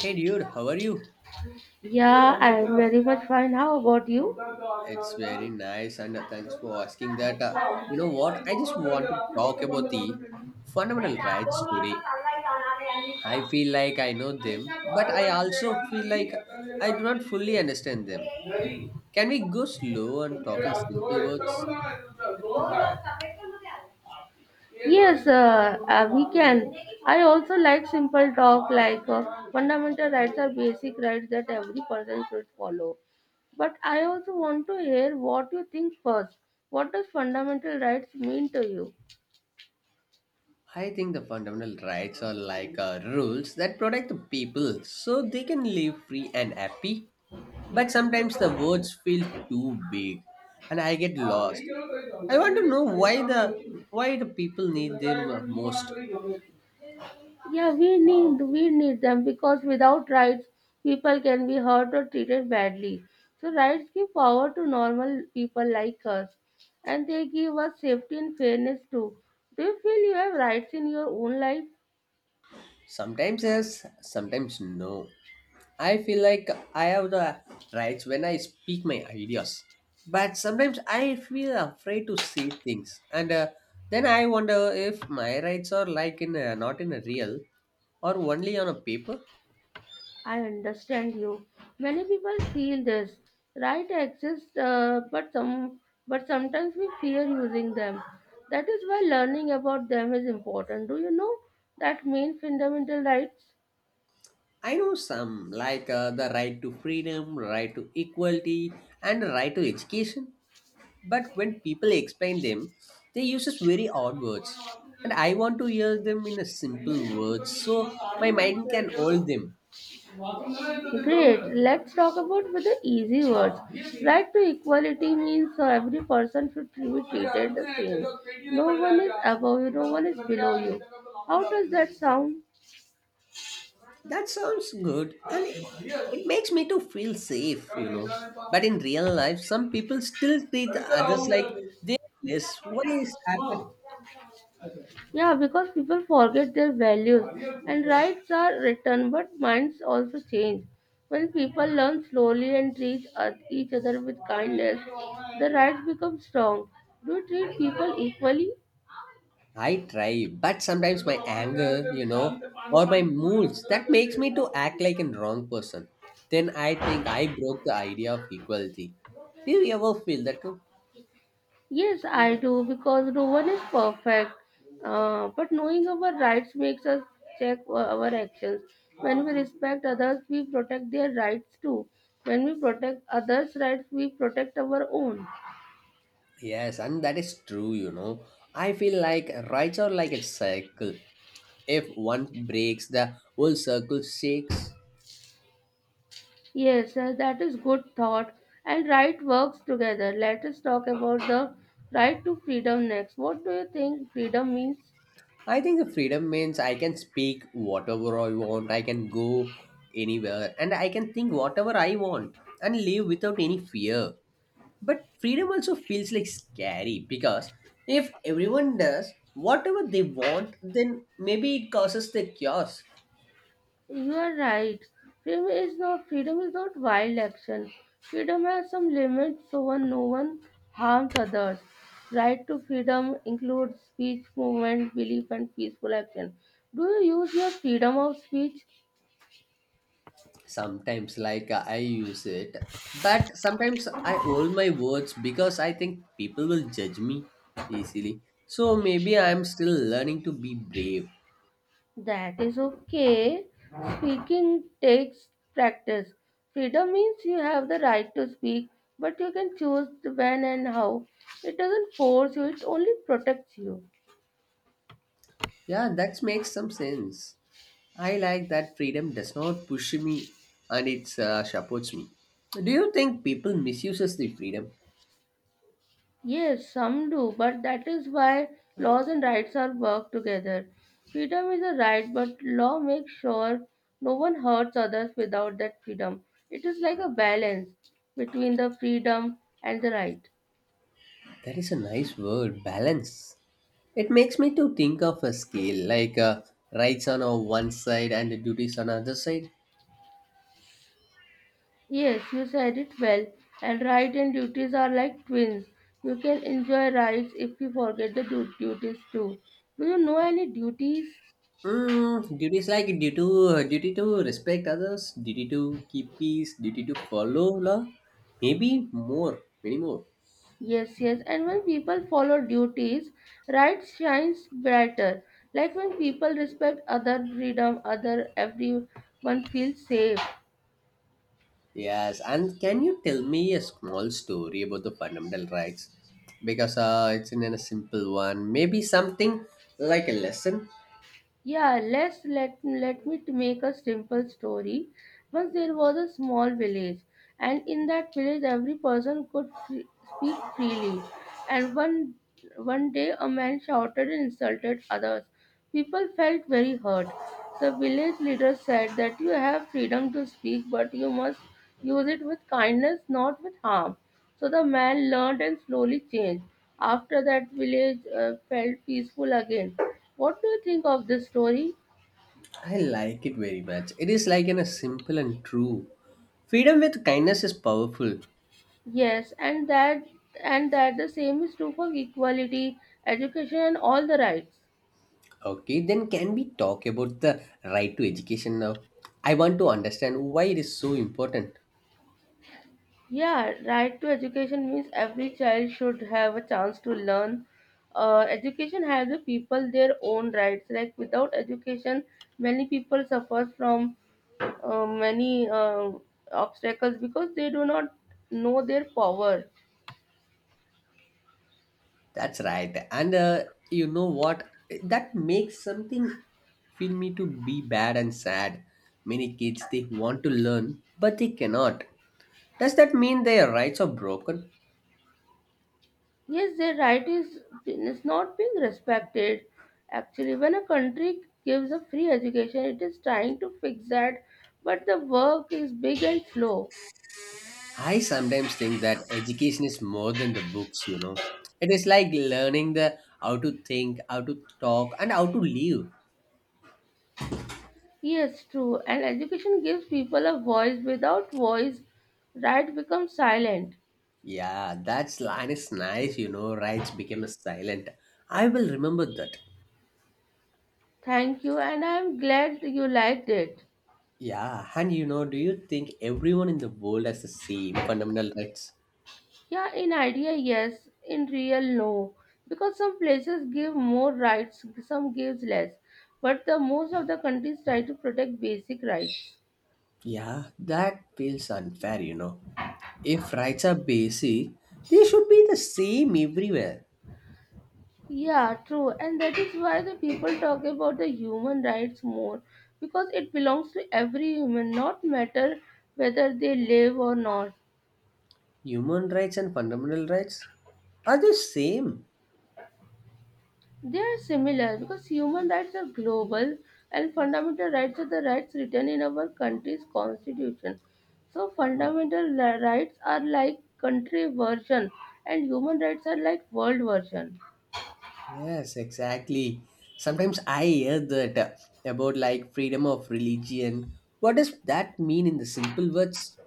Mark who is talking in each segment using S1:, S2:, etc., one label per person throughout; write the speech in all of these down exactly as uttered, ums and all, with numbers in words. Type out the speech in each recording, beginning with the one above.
S1: Hey dude, how are you?
S2: Yeah, I'm very much fine. How about you?
S1: It's very nice and uh, thanks for asking that. Uh, you know what? I just wanted to talk about the fundamental rights today. I feel like I know them, but I also feel like I do not fully understand them. Can we go slow and talk in simple words?
S2: Yes, uh, uh, we can. I also like simple talk like uh, fundamental rights are basic rights that every person should follow. But I also want to hear what you think first. What does fundamental rights mean to
S1: I think the fundamental rights are like
S2: you?
S1: uh, rules that protect the people so they can live free and happy. But sometimes the words feel too big and I get
S2: हां, नाही
S1: lost.
S2: गेलो तरी
S1: I
S2: चालतंय, पण
S1: want to
S2: hey
S1: know
S2: पाहिजे तर
S1: why the
S2: आम्ही
S1: why the people need
S2: सकाळी
S1: them
S2: पण
S1: uh,
S2: मी म्हणाल
S1: most.
S2: तरी घेऊन. Yeah, we need we need them because without rights, people can be hurt or treated badly. So rights give power to normal people like us, and they give us safety and fairness too. Do you feel you have rights in your own life?
S1: Sometimes yes, sometimes no. I feel like I have the rights when I speak my ideas. But sometimes I feel afraid to say things. And uh, then I wonder if my rights are like in a, not in a real or only on a paper.
S2: I understand you. Many people feel this. Right exists, uh, but some but sometimes we fear using them. That is why learning about them is important. Do you know that main fundamental rights?
S1: I know some like uh, the right to freedom, right to equality and right to education. But when people explain them, they uses very odd words. And I want to hear them in a simple words so my mind can hold them.
S2: Great. Let's talk about with the easy words. Right to equality means so every person should be treated the same. No one is above you, no one is below you. How does that sound?
S1: That sounds good and it, it makes me to feel safe, you know. But in real life, some people still treat others like they less. Why is happen?
S2: Yeah, because people forget their values, and rights are written, but minds also change. When people learn slowly and treat oth- each other with kindness, the rights become strong. Do you treat people equally?
S1: I try, but sometimes my anger, you know, or my moods, that makes me to act like a wrong person. Then I think I broke the idea of equality. Do you ever feel that too?
S2: Yes, I do because no one is perfect. Uh, but knowing our rights makes us check our actions. When we respect others, we protect their rights too. When we protect others' rights, we protect our own.
S1: Yes, and that is true, you know. I feel like rights are like a circle. If one breaks, the whole circle shakes.
S2: Yes, uh, that is good thought. And right works together. Let us talk about the right to freedom next. What do you think freedom means?
S1: I think the freedom means I can speak whatever I want, I can go anywhere, and I can think whatever I want and live without any fear. But freedom also feels like scary because if everyone does whatever they want, then maybe it causes the chaos.
S2: You are right. Freedom is not freedom is not wild action. Freedom has some limits so one no one harms others. Right to freedom includes speech, movement, belief and peaceful action. Do you use your freedom of speech?
S1: Sometimes like uh, I use it, but sometimes I hold my words because I think people will judge me easily. So maybe I'm still learning to be brave.
S2: That is okay. Speaking takes practice. Freedom means you have the right to speak, but you can choose when and how. It doesn't force you, it only protects you.
S1: Yeah, that makes some sense. I like that freedom does not push me and it uh, supports me. Do you think people misuses the freedom?
S2: Yes, some do, but that is why laws and rights are worked together. Freedom is a right, but law makes sure no one hurts others without that freedom. It is like a balance between the freedom and the right.
S1: That is a nice word, balance. It makes me to think of a scale like uh, rights on a one side and duties on other side.
S2: Yes, you said it well. And right and duties are like twins. You can enjoy rights if you forget the du- duties too. Do you know any duties?
S1: Mm, duties like duty to duty to respect others, duty to keep peace, duty to follow law, maybe more, many more.
S2: Yes, yes. And when people follow duties, right shines brighter. Like when people respect other freedom, other everyone feels safe.
S1: Yes, and can you tell me a small story about the fundamental rights? Because uh, it's in a simple one, maybe something like a lesson.
S2: Yeah, let's let let me to make a simple story. Once there was a small village, and in that village, every person could free, speak freely. And one one day, a man shouted and insulted others. People felt very hurt. The village leader said that you have freedom to speak, but you must use it with kindness, not with harm. So the man learned and slowly changed. After that, village uh, felt peaceful again. What do you think of this story?
S1: I like it very much. It is like in a simple and true. Freedom with kindness is powerful.
S2: Yes, and that and that the same is true for equality, education and all the rights.
S1: Okay, then can we talk about the right to education now? I want to understand why it is so important.
S2: Yeah, right to education means every child should have a chance to learn. Uh, education has the people their own rights. Like without education, many people suffer from uh, many uh, obstacles because they do not know their power.
S1: That's right. And uh, you know what? That makes something feel me to be bad and sad. Many kids they want to learn but they cannot. Does that mean their rights are broken?
S2: Yes, their right is, is not being respected. Actually, when a country gives a free education, it is trying to fix that, but the work is big and slow.
S1: I sometimes think that education is more than the books, you know. It is like learning the how to think, how to talk and how to live.
S2: Yes, true. And education gives people a voice. Without voice, right becomes silent.
S1: Yeah, that line is nice, you know, rights became a silent. I will remember that.
S2: Thank you, and I am glad you liked it.
S1: Yeah, and you know, do you think everyone in the world has the same fundamental rights?
S2: Yeah, in idea, yes. In real, no. Because some places give more rights, some gives less. But the most of the countries try to protect basic rights.
S1: Yeah, that feels unfair, you know. If rights are basic, they should be the same everywhere.
S2: Yeah, true. And that is why the people talk about the human rights more because it belongs to every human, not matter whether they live or not.
S1: Human rights and fundamental rights are the same.
S2: They are similar because human rights are global and fundamental rights are the rights written in our country's constitution. So
S1: Oh.
S2: fundamental li- rights are like country version and human rights are like world version.
S1: Yes, exactly. Sometimes I hear that uh, about like freedom of religion. What does that mean in the simple words?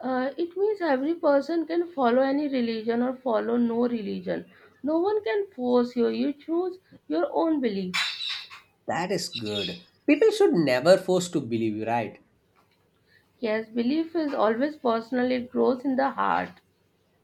S2: Uh, it means every person can follow any religion or follow no religion. No one can force you. You choose your own belief.
S1: That is good. People should never force to believe you, right?
S2: Yes, belief is always personal. It grows in the heart.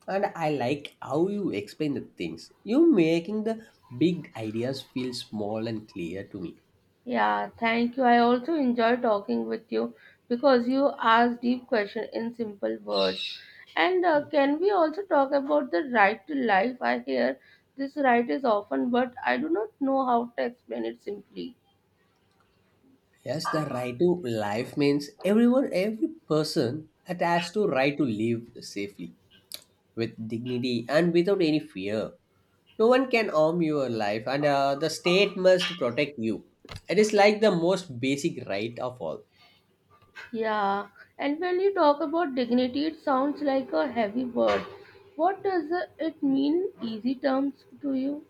S1: And I like how you explain the things. You making the big ideas feel small and clear to me.
S2: Yeah, thank you. I also enjoy talking with you because you ask deep questions in simple words. And uh, can we also talk about the right to life? I hear this right is often, but I do not know how to explain it simply.
S1: Yes, the right to life means everyone, every person attached to right to live safely, with dignity and without any fear. No one can harm your life, and uh, the state must protect you. It is like the most basic right of all.
S2: Yeah, and when you talk about dignity, it sounds like a heavy word. What does it mean, easy terms, to you?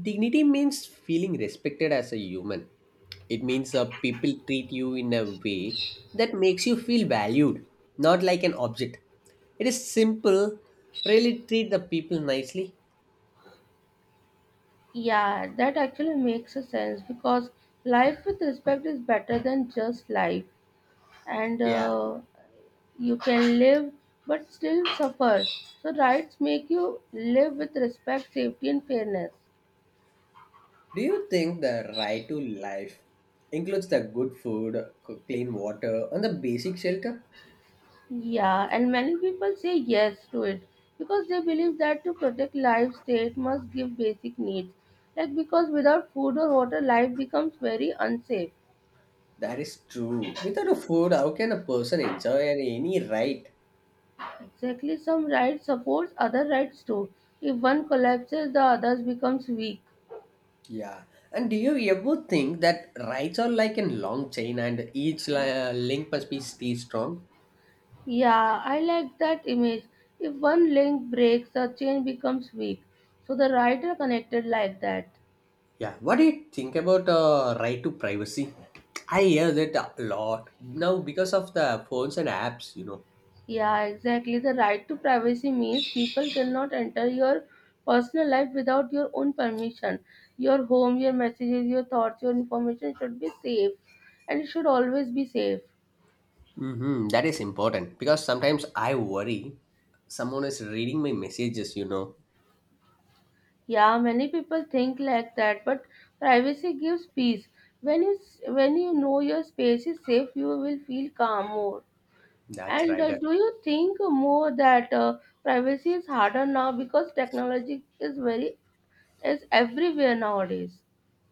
S1: Dignity means feeling respected as a human. It means uh, people treat you in a way that makes you feel valued, not like an object. It is simple. Really treat the people nicely.
S2: Yeah, that actually makes a sense because life with respect is better than just life, and
S1: Yeah.
S2: uh, you can live but still suffer. So, rights make you live with respect, safety, and fairness.
S1: Do you think the right to life includes the good food, c- clean water, and the basic shelter?
S2: Yeah, and many people say yes to it because they believe that to protect life, state must give basic needs. Like because without food or water, life becomes very unsafe.
S1: That is true. Without a food, how can a person enjoy any right?
S2: Exactly, some right supports other rights too. If one collapses, the others becomes weak.
S1: Yeah. And do you ever think that rights are like a long chain and each li- uh, link must be stay strong?
S2: Yeah, I like that image. If one link breaks, the chain becomes weak. So the right are connected like that.
S1: Yeah. What do you think about uh, right to privacy? I hear that a lot now because of the phones and apps, you know.
S2: Yeah, exactly. The right to privacy means people cannot enter your personal life without your own permission. Your home, your messages, your thoughts, your information should be safe, and it should always be safe.
S1: Mm-hmm. That is important because sometimes I worry someone is reading my messages, you know.
S2: Yeah, many people think like that, but privacy gives peace. When you s- when you know your space is safe, you will feel calm more.
S1: That's
S2: And
S1: right.
S2: uh, do you think more that uh, privacy is harder now because technology is very is everywhere nowadays?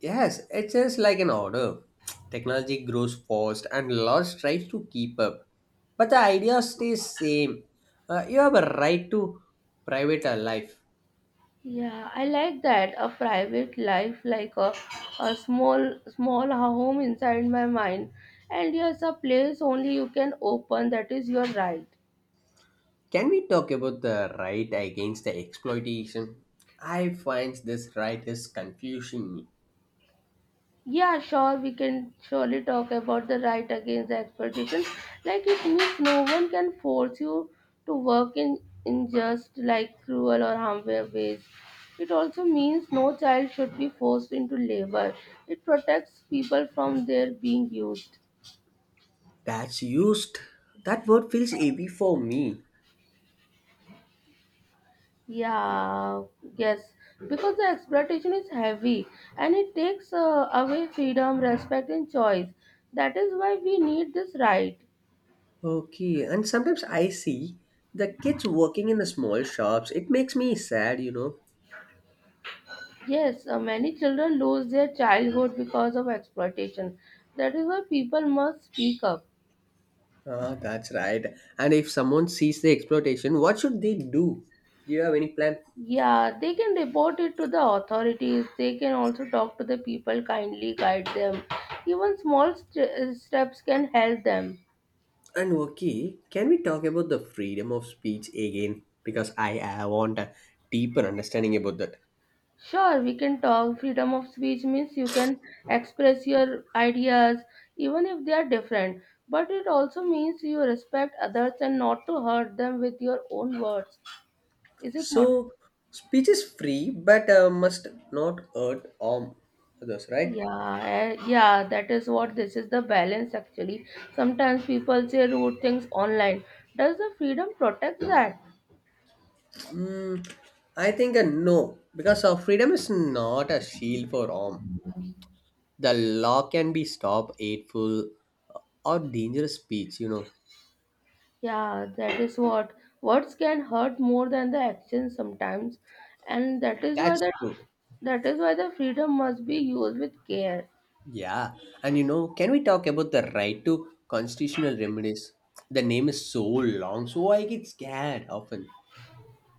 S1: Yes, it's just like an order. Technology grows fast and laws try to keep up. But the idea stays same. Uh, you have a right to private uh, life.
S2: Yeah, I like that. A private life, like a, a small small home inside my mind. And yes, a place only you can open. That is your right.
S1: Can we talk about the right against the exploitation? I find this right is confusing me.
S2: Yeah, sure, we can surely talk about the right against the expectation. Like it means no one can force you to work in in just like cruel or harmful ways. It also means no child should be forced into labor. It protects people from their being used.
S1: That's used. That word feels heavy for me.
S2: Yeah, yes, because the exploitation is heavy, and it takes uh, away freedom, respect, and choice. That is why we need this right.
S1: Okay, and sometimes I see the kids working in the small shops. It makes me sad, you know.
S2: Yes, uh, many children lose their childhood because of exploitation. That is why people must speak up.
S1: Ah, that's right. And if someone sees the exploitation, what should they do? Do you have any plan?
S2: Yeah, they can report it to the authorities. They can also talk to the people kindly, guide them. Even small st- steps can help them.
S1: And okay, can we talk about the freedom of speech again? Because I, I want a deeper understanding about that.
S2: Sure, we can talk. Freedom of speech means you can express your ideas, even if they are different. But it also means you respect others and not to hurt them with your own words. Is it not?
S1: So, speech is free, but uh, must not hurt harm others, right?
S2: Yeah, eh, yeah, that is what this is the balance actually. Sometimes people say rude things online. Does the freedom protect that?
S1: I think a no, because our freedom is not a shield for harm. The law can be stop hateful uh, or dangerous speech. You know,
S2: Yeah, that is what words can hurt more than the actions sometimes, and that is why
S1: that's
S2: that
S1: true.
S2: that is why the freedom must be used with care.
S1: Yeah, and you know, can we talk about the right to constitutional remedies? The name is so long, so I get scared often.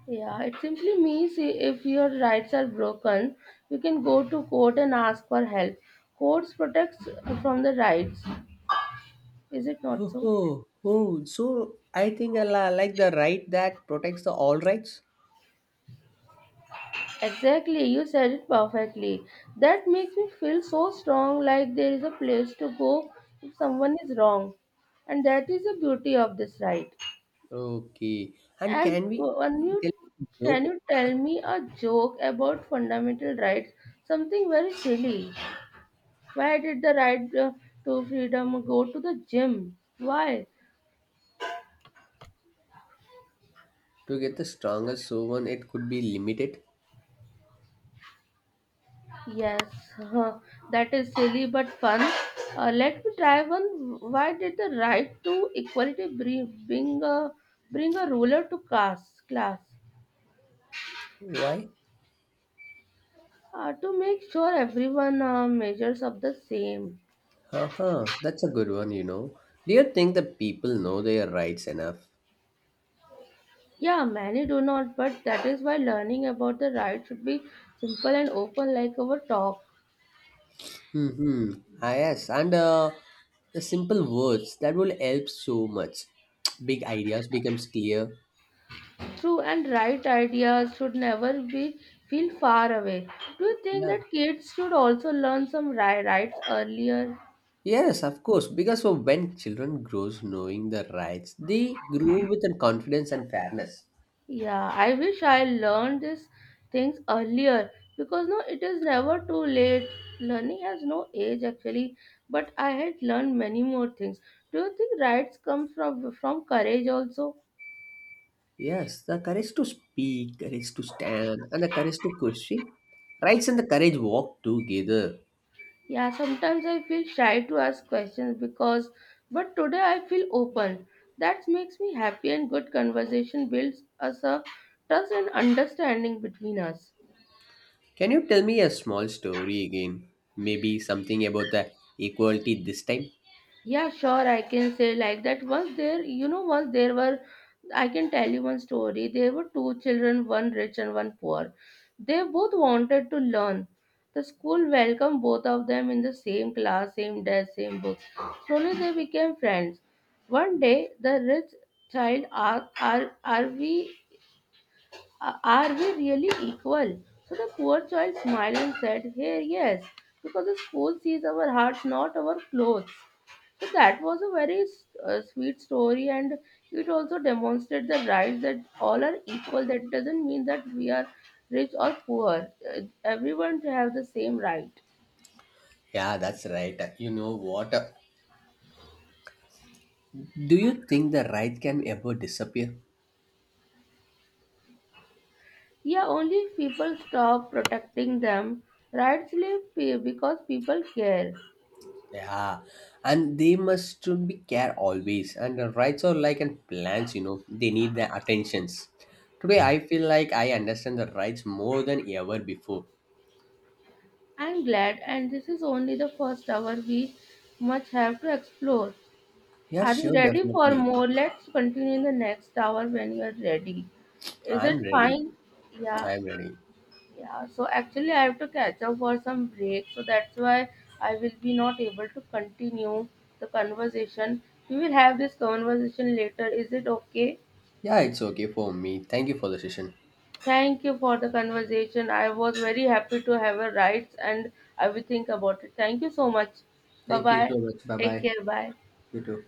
S2: Yeah, it simply means i- if your rights are broken, you can go to court and ask for help. Courts protects from the rights. Is it not
S1: Oh,
S2: so?
S1: oh, oh, so I think I li- like the right that protects the all rights.
S2: Exactly, you said it perfectly. That makes me feel so strong, like there is a place to go if someone is wrong, and that is the beauty of this right.
S1: Okay, and
S2: And
S1: can
S2: uh,
S1: we
S2: when you
S1: tell a joke
S2: can you
S1: about the-?
S2: tell me a joke about fundamental rights? Something very silly. Why did the right uh, to freedom go to the gym? Why?
S1: To get the strongest so on it could be limited?
S2: Yes, huh, that is silly but fun. Uh, let me try one. Why did the right to equality bring, bring a bring a ruler to class? Class
S1: Why?
S2: uh, To make sure everyone uh, measures up the same.
S1: Haha, that's a good one, you know. Do you think the people know their rights enough?
S2: Yeah, many do not, but that is why learning about the right should be simple and open like our talk.
S1: Mm-hmm. Ah, yes, and uh, the simple words that will help so much. Big ideas becomes clear.
S2: True and right ideas should never be feel far away. Do you think
S1: Yeah.
S2: that kids should also learn some ri- rights earlier?
S1: Yes, of course, because for when children grows knowing their rights, they grow with an confidence and fairness.
S2: Yeah, I wish I learned these things earlier because no, it is never too late. Learning has no age actually, but I had learned many more things. Do you think rights comes from from courage also?
S1: Yes, the courage to speak, courage to stand, and the courage to question. Rights and the courage walk together.
S2: Yeah, sometimes I feel shy to ask questions because, but today I feel open. That makes me happy, and good conversation builds us a trust and understanding between us.
S1: Can you tell me a small story again? Maybe something about the equality this time?
S2: Yeah, sure, I can say like that. Once there, you know, once there were, I can tell you one story. There were two children, one rich and one poor. They both wanted to learn. The school welcomed both of them in the same class, same desk, same books. Slowly they became friends. One day, the rich child asked, are, are we are are we really equal? So the poor child smiled and said, "Hey, yes, because the school sees our hearts, not our clothes." So that was a very uh, sweet story, and it also demonstrates the right that all are equal. That doesn't mean that we are rich or poor. Uh, everyone have the same right.
S1: Yeah, that's right. You know what? Do you think the right can ever disappear?
S2: Yeah, only if people stop protecting them. Rights live pe- because people care.
S1: Yeah, and they must should be care always. And the rights are like and plants, you know, they need the attentions. Today, I feel like I understand the rights more than ever before.
S2: I'm glad, and this is only the first hour we much have to explore.
S1: Yeah,
S2: Are you
S1: sure,
S2: ready for
S1: definitely.
S2: more? Let's continue in the next hour when you are ready. Is
S1: I'm
S2: it
S1: ready.
S2: fine? Yeah.
S1: I'm ready.
S2: Yeah, so actually I have to catch up for some break, so that's why I will be not able to continue the conversation. We will have this conversation later. Is it okay?
S1: Yeah, it's okay for me. Thank you for the session.
S2: Thank you for the conversation. I was very happy to have a rights, and I will think about it. Thank you so much. Bye
S1: Thank you
S2: bye.
S1: so much. Bye
S2: Take
S1: bye.
S2: care. Bye.
S1: You too.